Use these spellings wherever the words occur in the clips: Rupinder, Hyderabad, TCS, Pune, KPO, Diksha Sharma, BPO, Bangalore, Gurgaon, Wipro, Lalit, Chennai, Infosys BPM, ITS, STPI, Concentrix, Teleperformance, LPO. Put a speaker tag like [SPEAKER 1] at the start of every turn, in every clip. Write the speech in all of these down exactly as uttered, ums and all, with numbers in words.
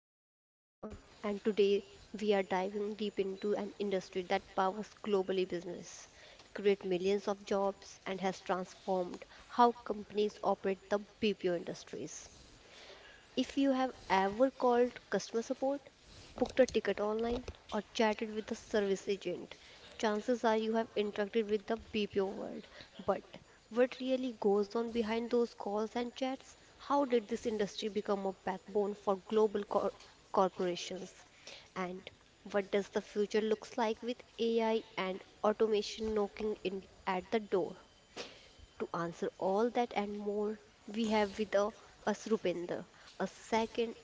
[SPEAKER 1] host Diksha Sharma, and today we are diving deep into an industry that powers globally business, create millions of jobs, and has transformed how companies operate the B P O industries. If you have ever called customer support, booked a ticket online, or chatted with a service agent, chances are you have interacted with the B P O world. But what really goes on behind those calls and chats? How did this industry become a backbone for global cor- corporations? And what does the future looks like with A I and automation knocking in at the door? To answer all that and more, we have with uh, us Rupinder, a second,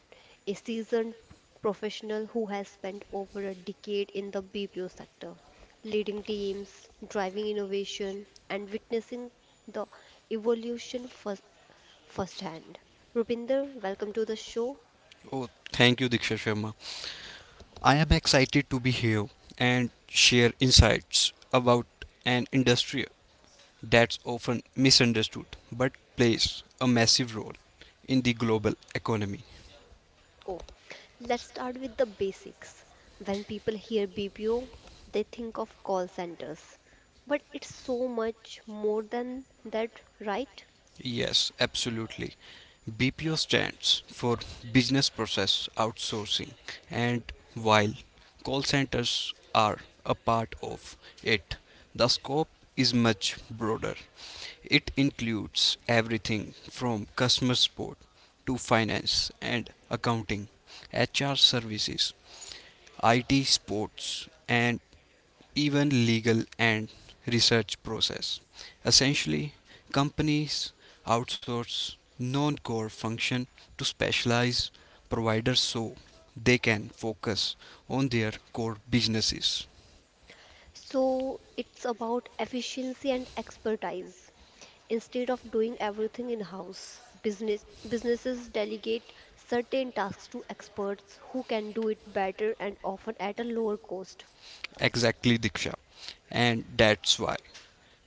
[SPEAKER 1] a seasoned professional who has spent over a decade in the B P O sector, leading teams, driving innovation, and witnessing the evolution first, firsthand. Rupinder, welcome to the show.
[SPEAKER 2] Oh, thank you, Diksha Sharma. I am excited to be here and share insights about an industry that's often misunderstood but plays a massive role in the global economy.
[SPEAKER 1] Oh, let's start with the basics. When people hear B P O, they think of call centers, but it's so much more than that, right?
[SPEAKER 2] Yes, absolutely. B P O stands for Business Process Outsourcing, and while call centers are a part of it, the scope is much broader. It includes everything from customer support to finance and accounting, H R services, I T sports, and even legal and research process. Essentially, companies outsource non-core function to specialized providers so they can focus on their core businesses.
[SPEAKER 1] So it's about efficiency and expertise. Instead of doing everything in-house, business businesses delegate certain tasks to experts who can do it better and often at a lower cost.
[SPEAKER 2] Exactly, Diksha. And that's why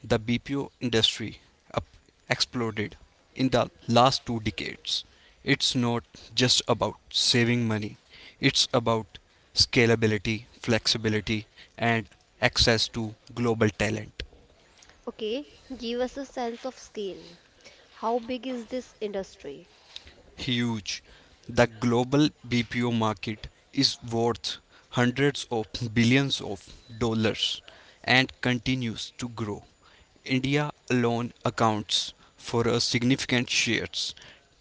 [SPEAKER 2] the B P O industry up exploded in the last two decades. It's not just about saving money, it's about scalability, flexibility, and access to global talent.
[SPEAKER 1] Okay, give us a sense of scale. How big is this industry?
[SPEAKER 2] Huge. The global B P O market is worth hundreds of billions of dollars and continues to grow. India alone accounts for a significant share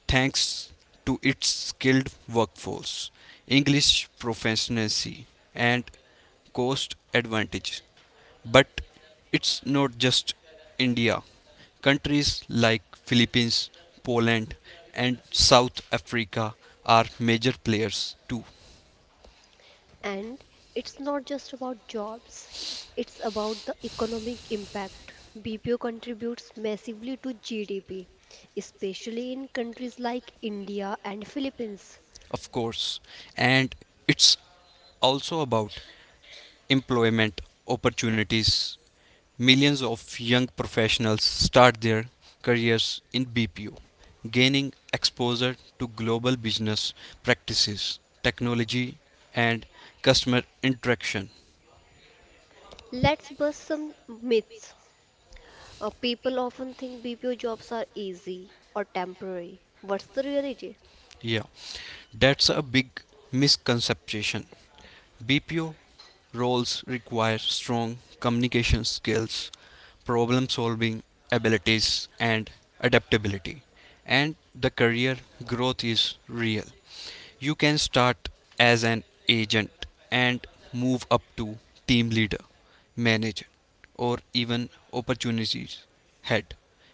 [SPEAKER 2] thanks to its skilled workforce, English proficiency, and cost advantage. But it's not just India. Countries like Philippines, Poland, and South Africa are major players too.
[SPEAKER 1] And it's not just about jobs, it's about the economic impact. B P O contributes massively to G D P, especially in countries like India and Philippines.
[SPEAKER 2] Of course. And it's also about employment opportunities. Millions of young professionals start their careers in B P O, gaining exposure to global business practices, technology, and customer interaction.
[SPEAKER 1] Let's bust some myths. Uh, people often think B P O jobs are easy or temporary. What's the reality?
[SPEAKER 2] Yeah. That's a big misconception. B P O roles require strong communication skills, problem solving abilities, and adaptability. And the career growth is real. You can start as an agent and move up to team leader, manager, or even opportunities head.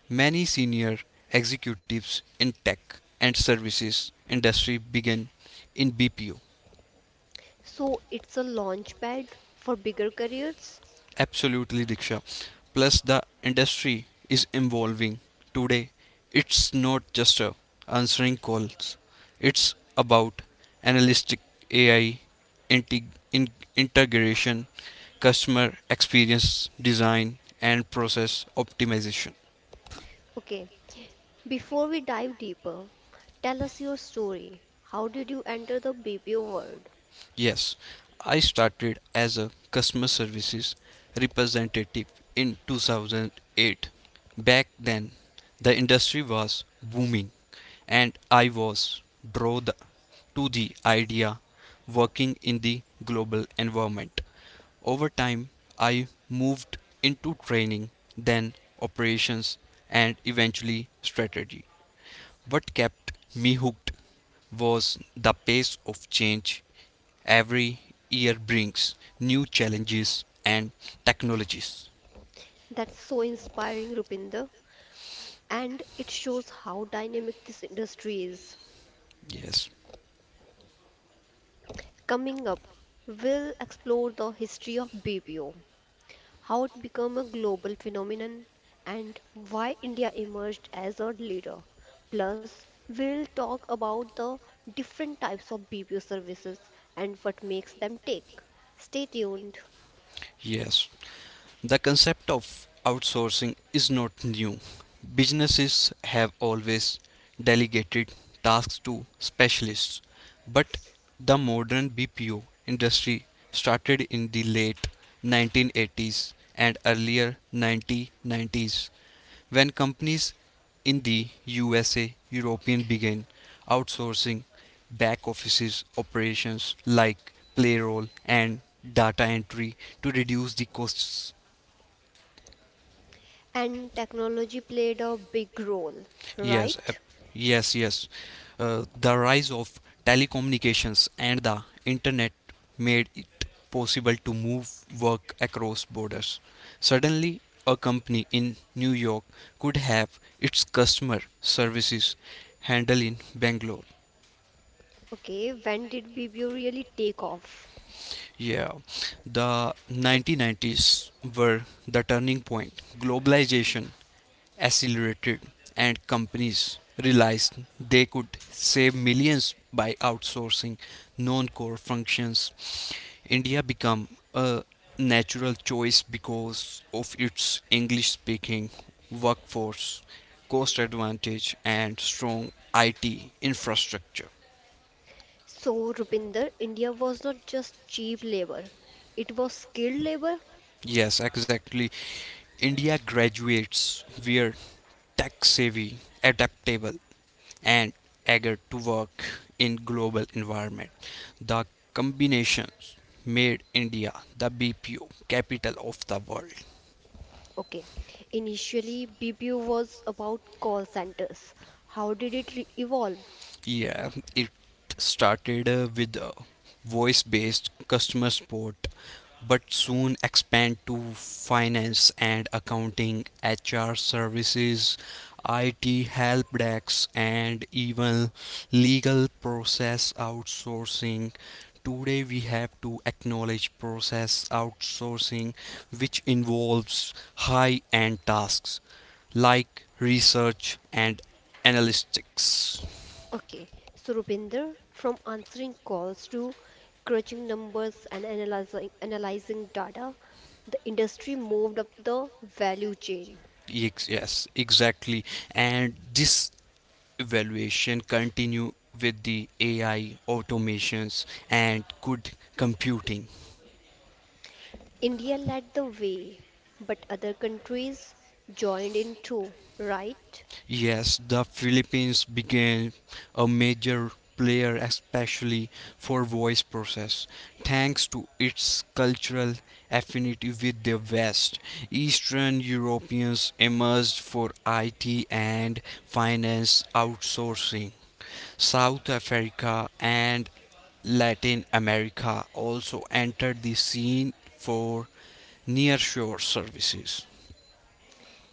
[SPEAKER 2] Many senior executives in tech and services industry begin in B P O.
[SPEAKER 1] So it's a launch pad for bigger careers?
[SPEAKER 2] Absolutely, Diksha. Plus, the industry is evolving. Today, it's not just a answering calls, it's about analytic A I, integ- in- integration, customer experience design, and process optimization.
[SPEAKER 1] Okay, before we dive deeper, tell us your story. How did you enter the B P O world?
[SPEAKER 2] Yes, I started as a customer services representative in two thousand eight. Back then, the industry was booming and I was drawn the- to the idea working in the global environment. Over time, I moved into training, then operations and eventually strategy. What kept me hooked was the pace of change. Every year brings new challenges and technologies.
[SPEAKER 1] That's so inspiring, Rupinder. And it shows how dynamic this industry is.
[SPEAKER 2] Yes,
[SPEAKER 1] Coming up, we'll explore the history of B P O, how it became a global phenomenon, and why India emerged as a leader. Plus, we'll talk about the different types of B P O services and what makes them tick. Stay tuned.
[SPEAKER 2] yes. The concept of outsourcing is not new. Businesses have always delegated tasks to specialists, but the modern B P O industry started in the late nineteen eighties and earlier nineteen nineties, when companies in the U S A, European began outsourcing back offices operations like payroll and data entry to reduce the costs.
[SPEAKER 1] And technology played a big role,
[SPEAKER 2] Yes, ap-
[SPEAKER 1] right?
[SPEAKER 2] yes, yes. Uh, the rise of telecommunications and the internet made it possible to move work across borders. Suddenly, a company in New York could have its customer services handled in Bangalore.
[SPEAKER 1] Okay, when did B P O really take off?
[SPEAKER 2] Yeah, the nineteen nineties were the turning point. Globalization accelerated, and companies realized they could save millions by outsourcing non core functions. India became a natural choice because of its English speaking workforce, cost advantage, and strong I T infrastructure.
[SPEAKER 1] So, Rupinder, India was not just cheap labor, it was skilled labor.
[SPEAKER 2] Yes, exactly. India graduates were tech savvy, adaptable, and eager to work in global environment. The combinations made India the B P O capital of the world.
[SPEAKER 1] Okay, initially B P O was about call centers. How did it re- evolve?
[SPEAKER 2] Yeah, it started uh, with uh, voice based customer support, but soon expand to finance and accounting, H R services, I T help desks, and even legal process outsourcing. Today, we have to acknowledge process outsourcing, which involves high end tasks like research and analytics.
[SPEAKER 1] Okay, so Rupinder, from answering calls to crunching numbers and analyzing, analyzing data, the industry moved up the value chain.
[SPEAKER 2] Ex- Yes, exactly. And this evaluation continue with the A I automations and good computing.
[SPEAKER 1] India led the way, but other countries joined in too, right?
[SPEAKER 2] Yes, the Philippines began a major player especially for voice process thanks to its cultural affinity with the West. Eastern Europeans emerged for it and finance outsourcing. South Africa and Latin America also entered the scene for nearshore services.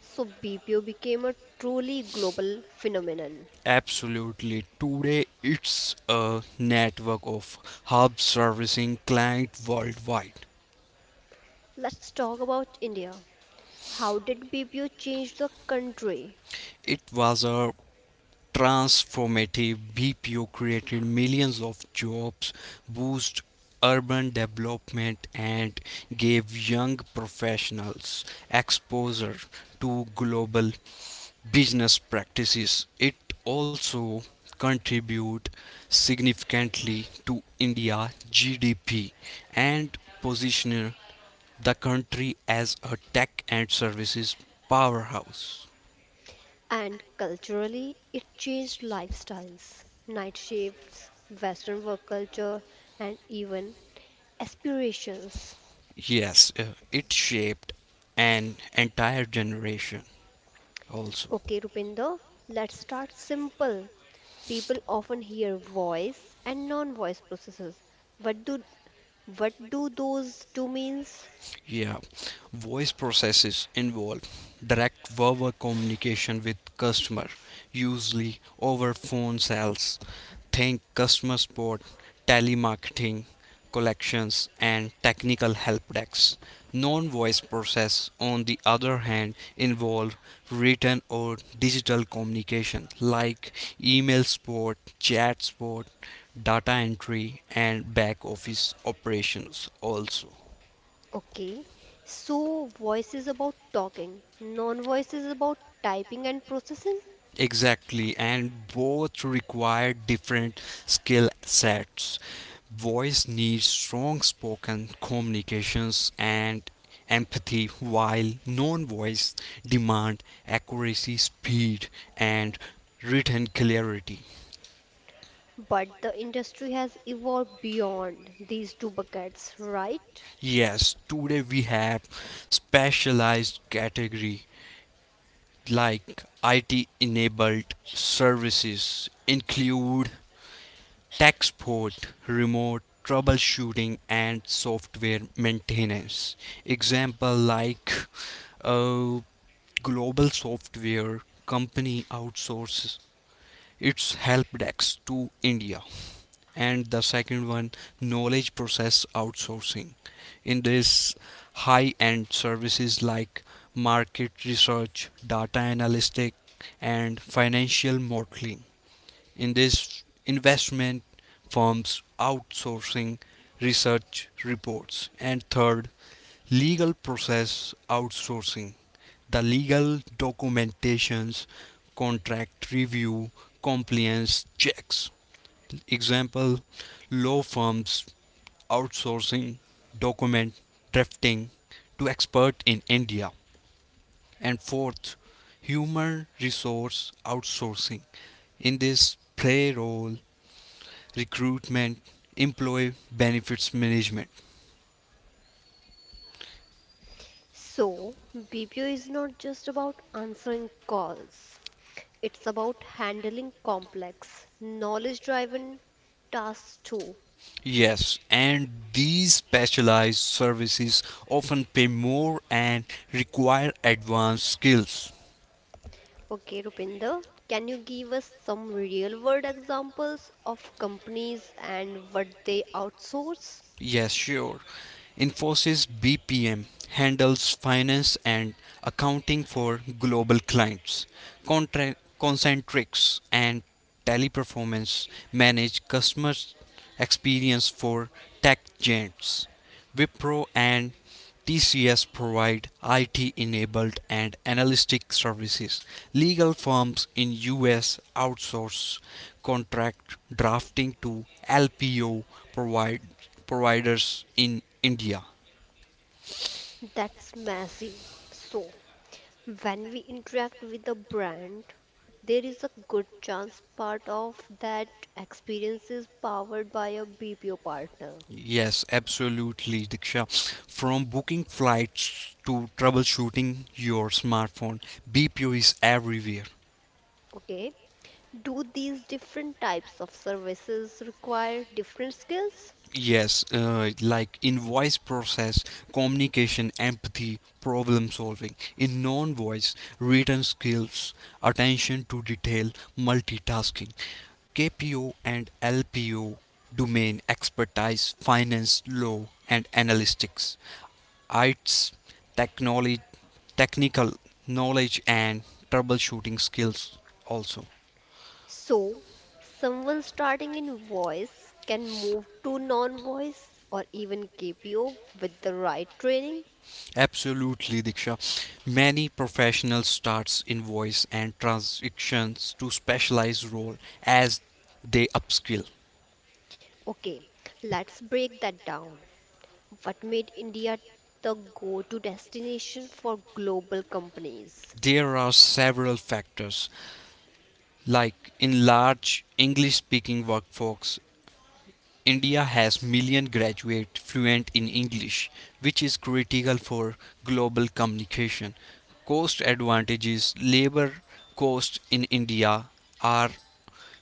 [SPEAKER 1] So B P O became a truly global phenomenon.
[SPEAKER 2] Absolutely. Today it's a network of hubs servicing clients worldwide.
[SPEAKER 1] Let's talk about India. How did B P O change the country?
[SPEAKER 2] It was a transformative. B P O created millions of jobs, boosted urban development and gave young professionals exposure to global business practices. It also contribute significantly to India G D P and position the country as a tech and services powerhouse.
[SPEAKER 1] And culturally, it changed lifestyles, night shifts, Western work culture, and even aspirations.
[SPEAKER 2] Yes, uh, it shaped an entire generation also.
[SPEAKER 1] Okay, Rupinder, let's start simple. People often hear voice and non-voice processes. What do what do those two means?
[SPEAKER 2] Yeah, voice processes involve direct verbal communication with customer, usually over phone sales. Think customer support, telemarketing, collections, and technical help desks. Non-voice process, on the other hand, involve written or digital communication like email support, chat support, data entry, and back office operations also.
[SPEAKER 1] Okay, so voice is about talking, non voice is about typing and processing,
[SPEAKER 2] Exactly, and both require different skill sets. Voice needs strong spoken communications and empathy, while non voice demand accuracy, speed, and written clarity.
[SPEAKER 1] but the industry has evolved beyond these two buckets, right?
[SPEAKER 2] Yes, today we have specialized category like I T enabled services include tech support, remote troubleshooting, and software maintenance. Example like a global software company outsources its help desk to India, and the second one, knowledge process outsourcing. In this, high end services like market research, data analytics, and financial modeling. In this, investment firms outsourcing research reports. And third, legal process outsourcing. The legal documentations, contract review, compliance checks. Example, law firms outsourcing document drafting to expert in India. And fourth, human resource outsourcing. In this, payroll, recruitment, employee benefits management.
[SPEAKER 1] So, B P O is not just about answering calls, it's about handling complex, knowledge driven tasks too.
[SPEAKER 2] Yes, and these specialized services often pay more and require advanced skills.
[SPEAKER 1] Okay, Rupinder, can you give us some real world examples of companies and what they outsource?
[SPEAKER 2] Yes, sure. Infosys B P M handles finance and accounting for global clients. Contra- Concentrix and Teleperformance manage customer experience for tech giants. Wipro and T C S provide I T-enabled and analytic services. Legal firms in U S outsource contract drafting to L P O provide, providers in India.
[SPEAKER 1] That's massive. So, when we interact with a brand, there is a good chance part of that experience is powered by a B P O partner.
[SPEAKER 2] Yes, absolutely, Diksha. From booking flights to troubleshooting your smartphone, B P O is everywhere.
[SPEAKER 1] Okay. Do these different types of services require different skills?
[SPEAKER 2] Yes, uh, like in voice process, communication, empathy, problem solving. In non voice, written skills, attention to detail, multitasking. K P O and L P O, domain expertise, finance, law, and analytics. I T S, technology, technical knowledge, and troubleshooting skills also.
[SPEAKER 1] So, someone starting in voice can move to non voice or even K P O with the right training?
[SPEAKER 2] Absolutely, Diksha. Many professionals starts in voice and transitions to specialized role as they upskill.
[SPEAKER 1] Okay, let's break that down. What made India the go-to destination for global companies?
[SPEAKER 2] There are several factors, like in large English-speaking workforce, India has million graduate fluent in English, which is critical for global communication. Cost advantages, labor cost in India are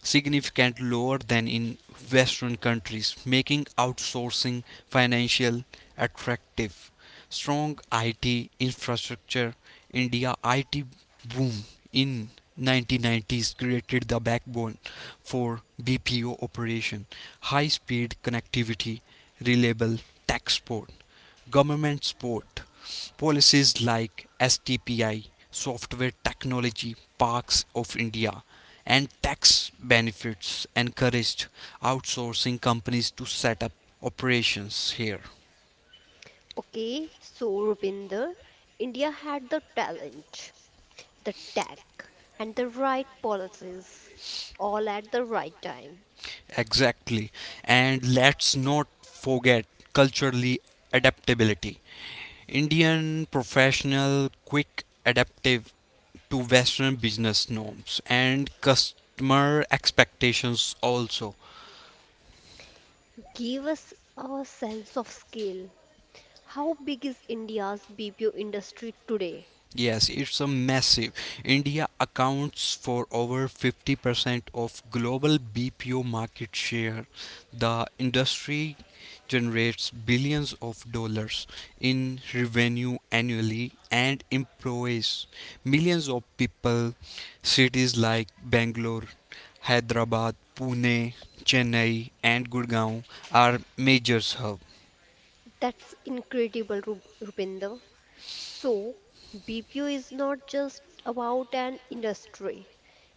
[SPEAKER 2] significantly lower than in Western countries, making outsourcing financially attractive. Strong I T infrastructure, India I T boom in nineteen nineties created the backbone for B P O operation, high-speed connectivity, reliable tech support, government support, policies like S T P I, Software Technology Parks of India, and tax benefits encouraged outsourcing companies to set up operations here.
[SPEAKER 1] Okay, so Rupinder, India had the talent, the tech, and the right policies, all at the right time.
[SPEAKER 2] Exactly. And let's not forget culturally adaptability. Indian professional quick adaptive to western business norms and customer expectations also.
[SPEAKER 1] Give us a sense of scale. How big is India's B P O industry today?
[SPEAKER 2] Yes, it's a massive. India accounts for over fifty percent of global B P O market share. The industry generates billions of dollars in revenue annually and employs millions of people. Cities like Bangalore, Hyderabad, Pune, Chennai, and Gurgaon are major hubs.
[SPEAKER 1] That's incredible, Ru- Rupinder. So, B P O is not just about an industry,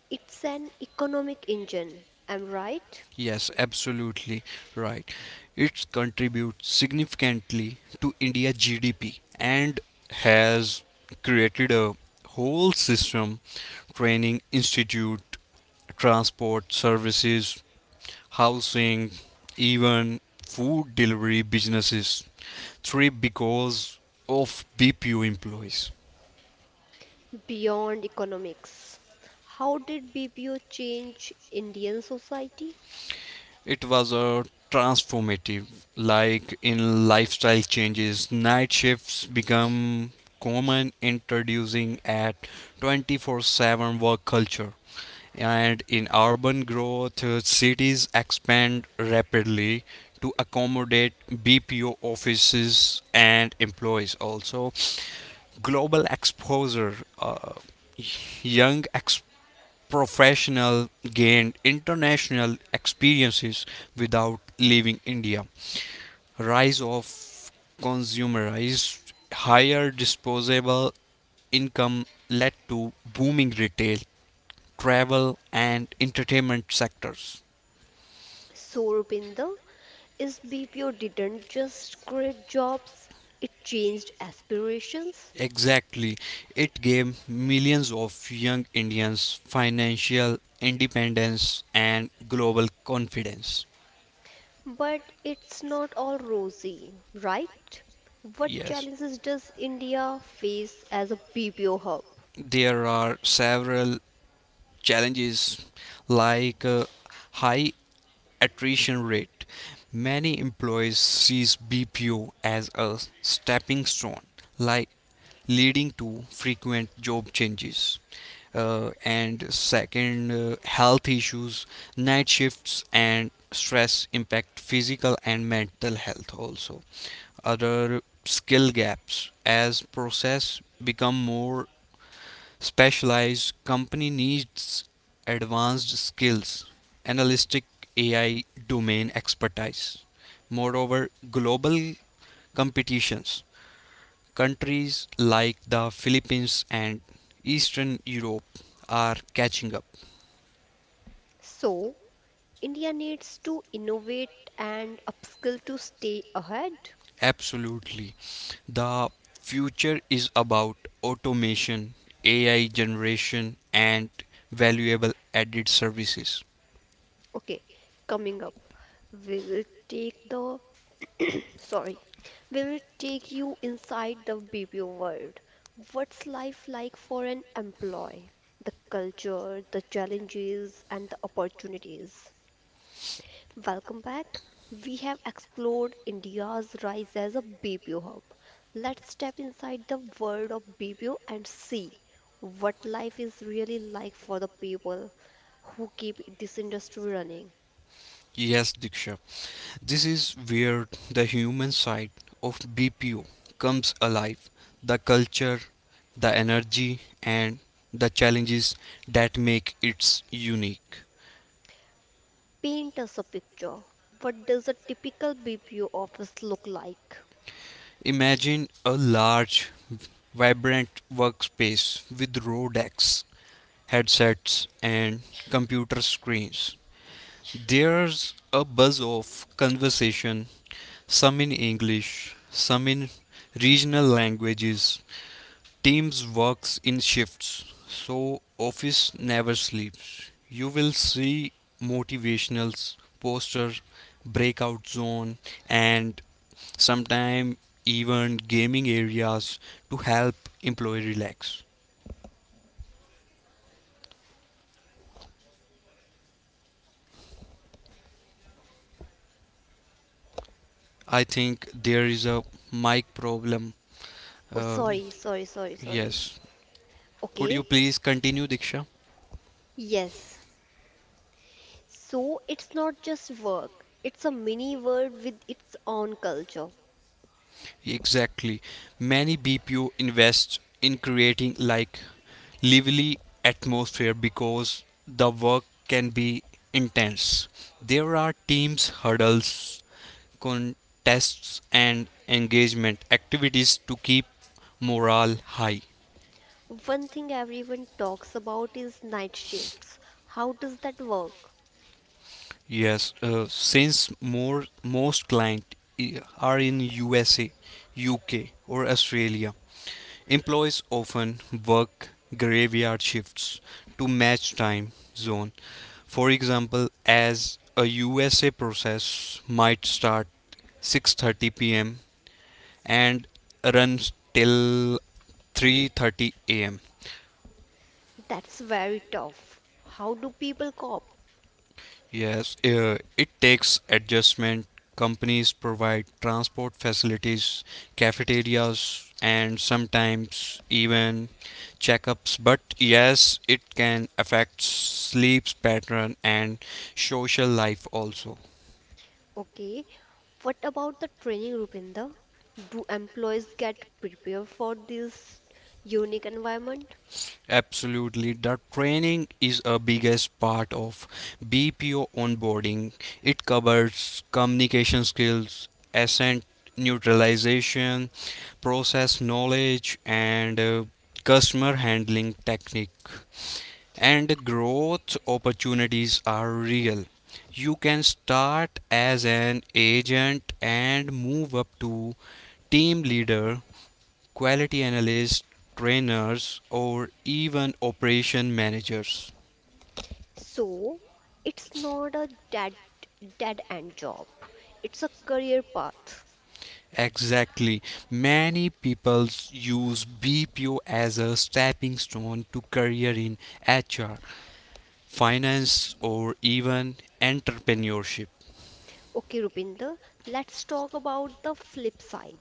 [SPEAKER 1] it's an economic engine, am right?
[SPEAKER 2] Yes, absolutely right. It contributes significantly to India's G D P and has created a whole system training institute, transport services, housing, even food delivery businesses. Three because of B P U employees.
[SPEAKER 1] Beyond economics. How did B P O change Indian society?
[SPEAKER 2] It was a transformative, like in lifestyle changes, night shifts become common, introducing a twenty-four seven work culture. And in urban growth, uh, cities expand rapidly to accommodate B P O offices and employees. Also, global exposure. Uh, young professional gained international experiences without leaving India. Rise of consumerized higher disposable income led to booming retail, travel and entertainment sectors.
[SPEAKER 1] So, Rupinder, is B P O didn't just create jobs, it changed aspirations.
[SPEAKER 2] Exactly. It gave millions of young Indians financial independence and global confidence.
[SPEAKER 1] But it's not all rosy, right? What
[SPEAKER 2] Yes,
[SPEAKER 1] challenges does India face as a B P O hub?
[SPEAKER 2] there are several challenges like uh, high attrition rate. Many employees sees B P O as a stepping stone, like leading to frequent job changes. Uh, and second, uh, health issues, night shifts, and stress impact physical and mental health also. Other skill gaps as process become more specialized company needs advanced skills, analytic A I domain expertise. Moreover, global competitions, countries like the Philippines and Eastern Europe are catching up.
[SPEAKER 1] So, India needs to innovate and upskill to stay ahead.
[SPEAKER 2] Absolutely. The future is about automation, A I generation, and valuable added services.
[SPEAKER 1] Okay, coming up, we will take the sorry, we will take you inside the B P O world. What's life like for an employee? The culture, the challenges, and the opportunities. Welcome back. We have explored India's rise as a B P O hub. Let's step inside the world of B P O and see what life is really like for the people who keep this industry running.
[SPEAKER 2] Yes, Diksha. This is where the human side of B P O comes alive the culture, the energy, and the challenges that make it unique.
[SPEAKER 1] Paint us a picture. What does a typical B P O office look like?
[SPEAKER 2] Imagine a large, vibrant workspace with row decks, headsets, and computer screens. There's a buzz of conversation, some in English, some in regional languages. Teams works in shifts, so office never sleeps. You will see motivationals, poster, breakout zone, and sometime even gaming areas to help employee relax. I think there is a mic problem.
[SPEAKER 1] Oh,
[SPEAKER 2] Uh,
[SPEAKER 1] sorry, sorry, sorry, sorry.
[SPEAKER 2] yes. Could you
[SPEAKER 1] Okay,
[SPEAKER 2] please continue, Diksha?
[SPEAKER 1] yes. So it's not just work, it's a mini world with its own culture.
[SPEAKER 2] Exactly. Many B P O invest in creating like lively atmosphere because the work can be intense. There are teams hurdles, contests and engagement activities to keep morale high.
[SPEAKER 1] One thing everyone talks about is night shifts. How does that work?
[SPEAKER 2] Yes, uh, since more most client i- are in U S A, U K or Australia, employees often work graveyard shifts to match time zone. For example, as a U S A process might start six thirty p m and runs till three thirty a m.
[SPEAKER 1] That's very tough. How do people cope?
[SPEAKER 2] Yes, uh, it takes adjustment. Companies provide transport facilities, cafeterias, and sometimes even checkups. But yes, it can affect sleep pattern and social life also.
[SPEAKER 1] Okay, what about the training, Rupinder? Do employees get prepared for this unique environment?
[SPEAKER 2] Absolutely. The training is a biggest part of B P O onboarding. It covers communication skills, asset neutralization, process knowledge, and uh, customer handling technique. And growth opportunities are real. You can start as an agent and move up to team leader quality analysts, trainers, or even operation managers.
[SPEAKER 1] So it's not a dead dead end job. It's a career path.
[SPEAKER 2] Exactly. Many people use B P O as a stepping stone to career in H R, finance, or even entrepreneurship.
[SPEAKER 1] Okay, Rupinder, let's talk about the flip side.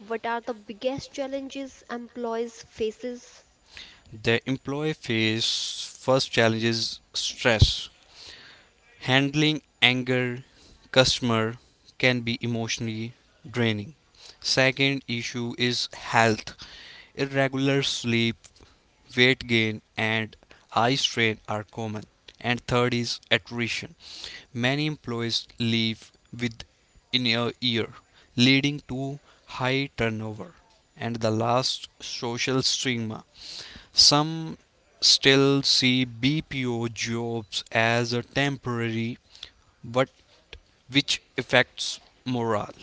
[SPEAKER 1] What are the biggest challenges employees faces?
[SPEAKER 2] The employee face first challenges stress. Handling anger customer can be emotionally draining. Second issue is health. Irregular sleep, weight gain, and eye strain are common. And third is attrition. Many employees leave within a year, leading to high turnover. And the last, social stigma. Some still see B P O jobs as a temporary, but which affects morale.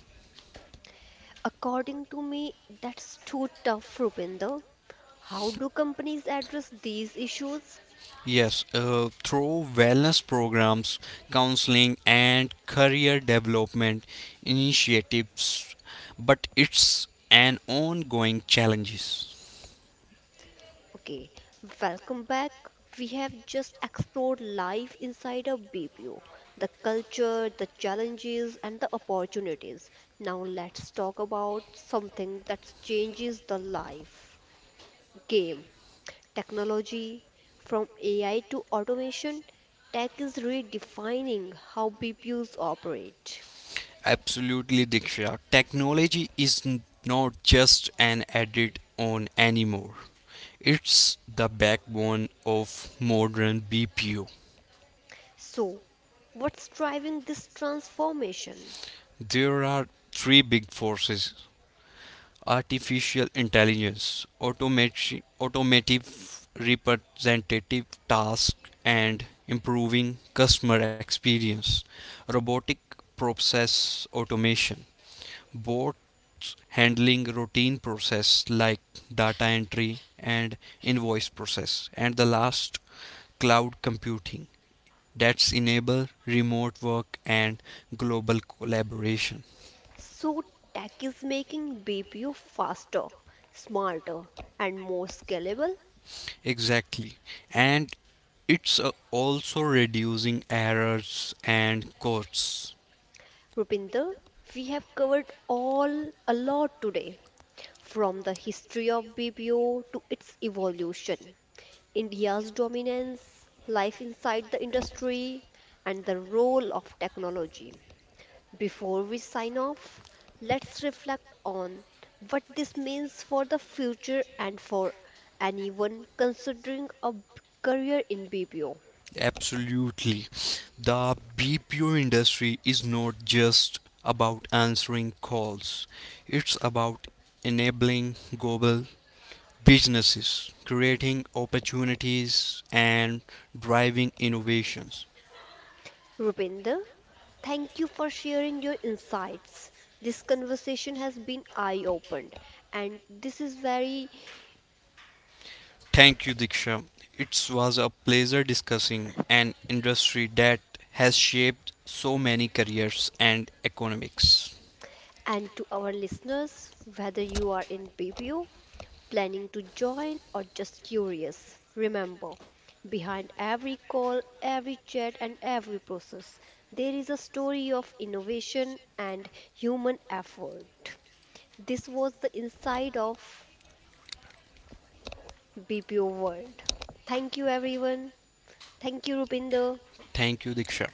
[SPEAKER 1] According to me, that's too tough, Rupinder. How do companies address these issues?
[SPEAKER 2] Yes, uh, through wellness programs, counseling, and career development initiatives, but it's an ongoing challenges.
[SPEAKER 1] Okay, welcome back. We have just explored life inside a B P O, the culture, the challenges, and the opportunities. Now let's talk about something that changes the life game, technology. From A I to automation, tech is redefining how B P Os operate.
[SPEAKER 2] Absolutely, Diksha. Technology is n- not just an added on anymore. It's the backbone of modern B P O.
[SPEAKER 1] So, what's driving this transformation?
[SPEAKER 2] There are three big forces artificial intelligence, automati- automative representative tasks, and improving customer experience. Robotic process automation, bots handling routine process like data entry and invoice process, and the last cloud computing that's enable remote work and global collaboration.
[SPEAKER 1] So, tech is making B P O faster, smarter, and more scalable.
[SPEAKER 2] Exactly. And it's uh, also reducing errors and costs.
[SPEAKER 1] Rupinder, we have covered all a lot today, from the history of B P O to its evolution, India's dominance, life inside the industry, and the role of technology. Before we sign off, let's reflect on what this means for the future and for anyone considering a b- career in B P O.
[SPEAKER 2] Absolutely. The B P O industry is not just about answering calls, it's about enabling global businesses, creating opportunities, and driving innovations.
[SPEAKER 1] Rupinder, thank you for sharing your insights. This conversation has been eye opened, and this is very
[SPEAKER 2] Thank you, Diksha. It was a pleasure discussing an industry that has shaped so many careers and economics.
[SPEAKER 1] and to our listeners, whether you are in B P O planning to join, or just curious, remember behind every call, every chat, and every process, there is a story of innovation and human effort. This was the inside of B P O world. Thank you, everyone. Thank you, Rupinder.
[SPEAKER 2] Thank you, Diksha.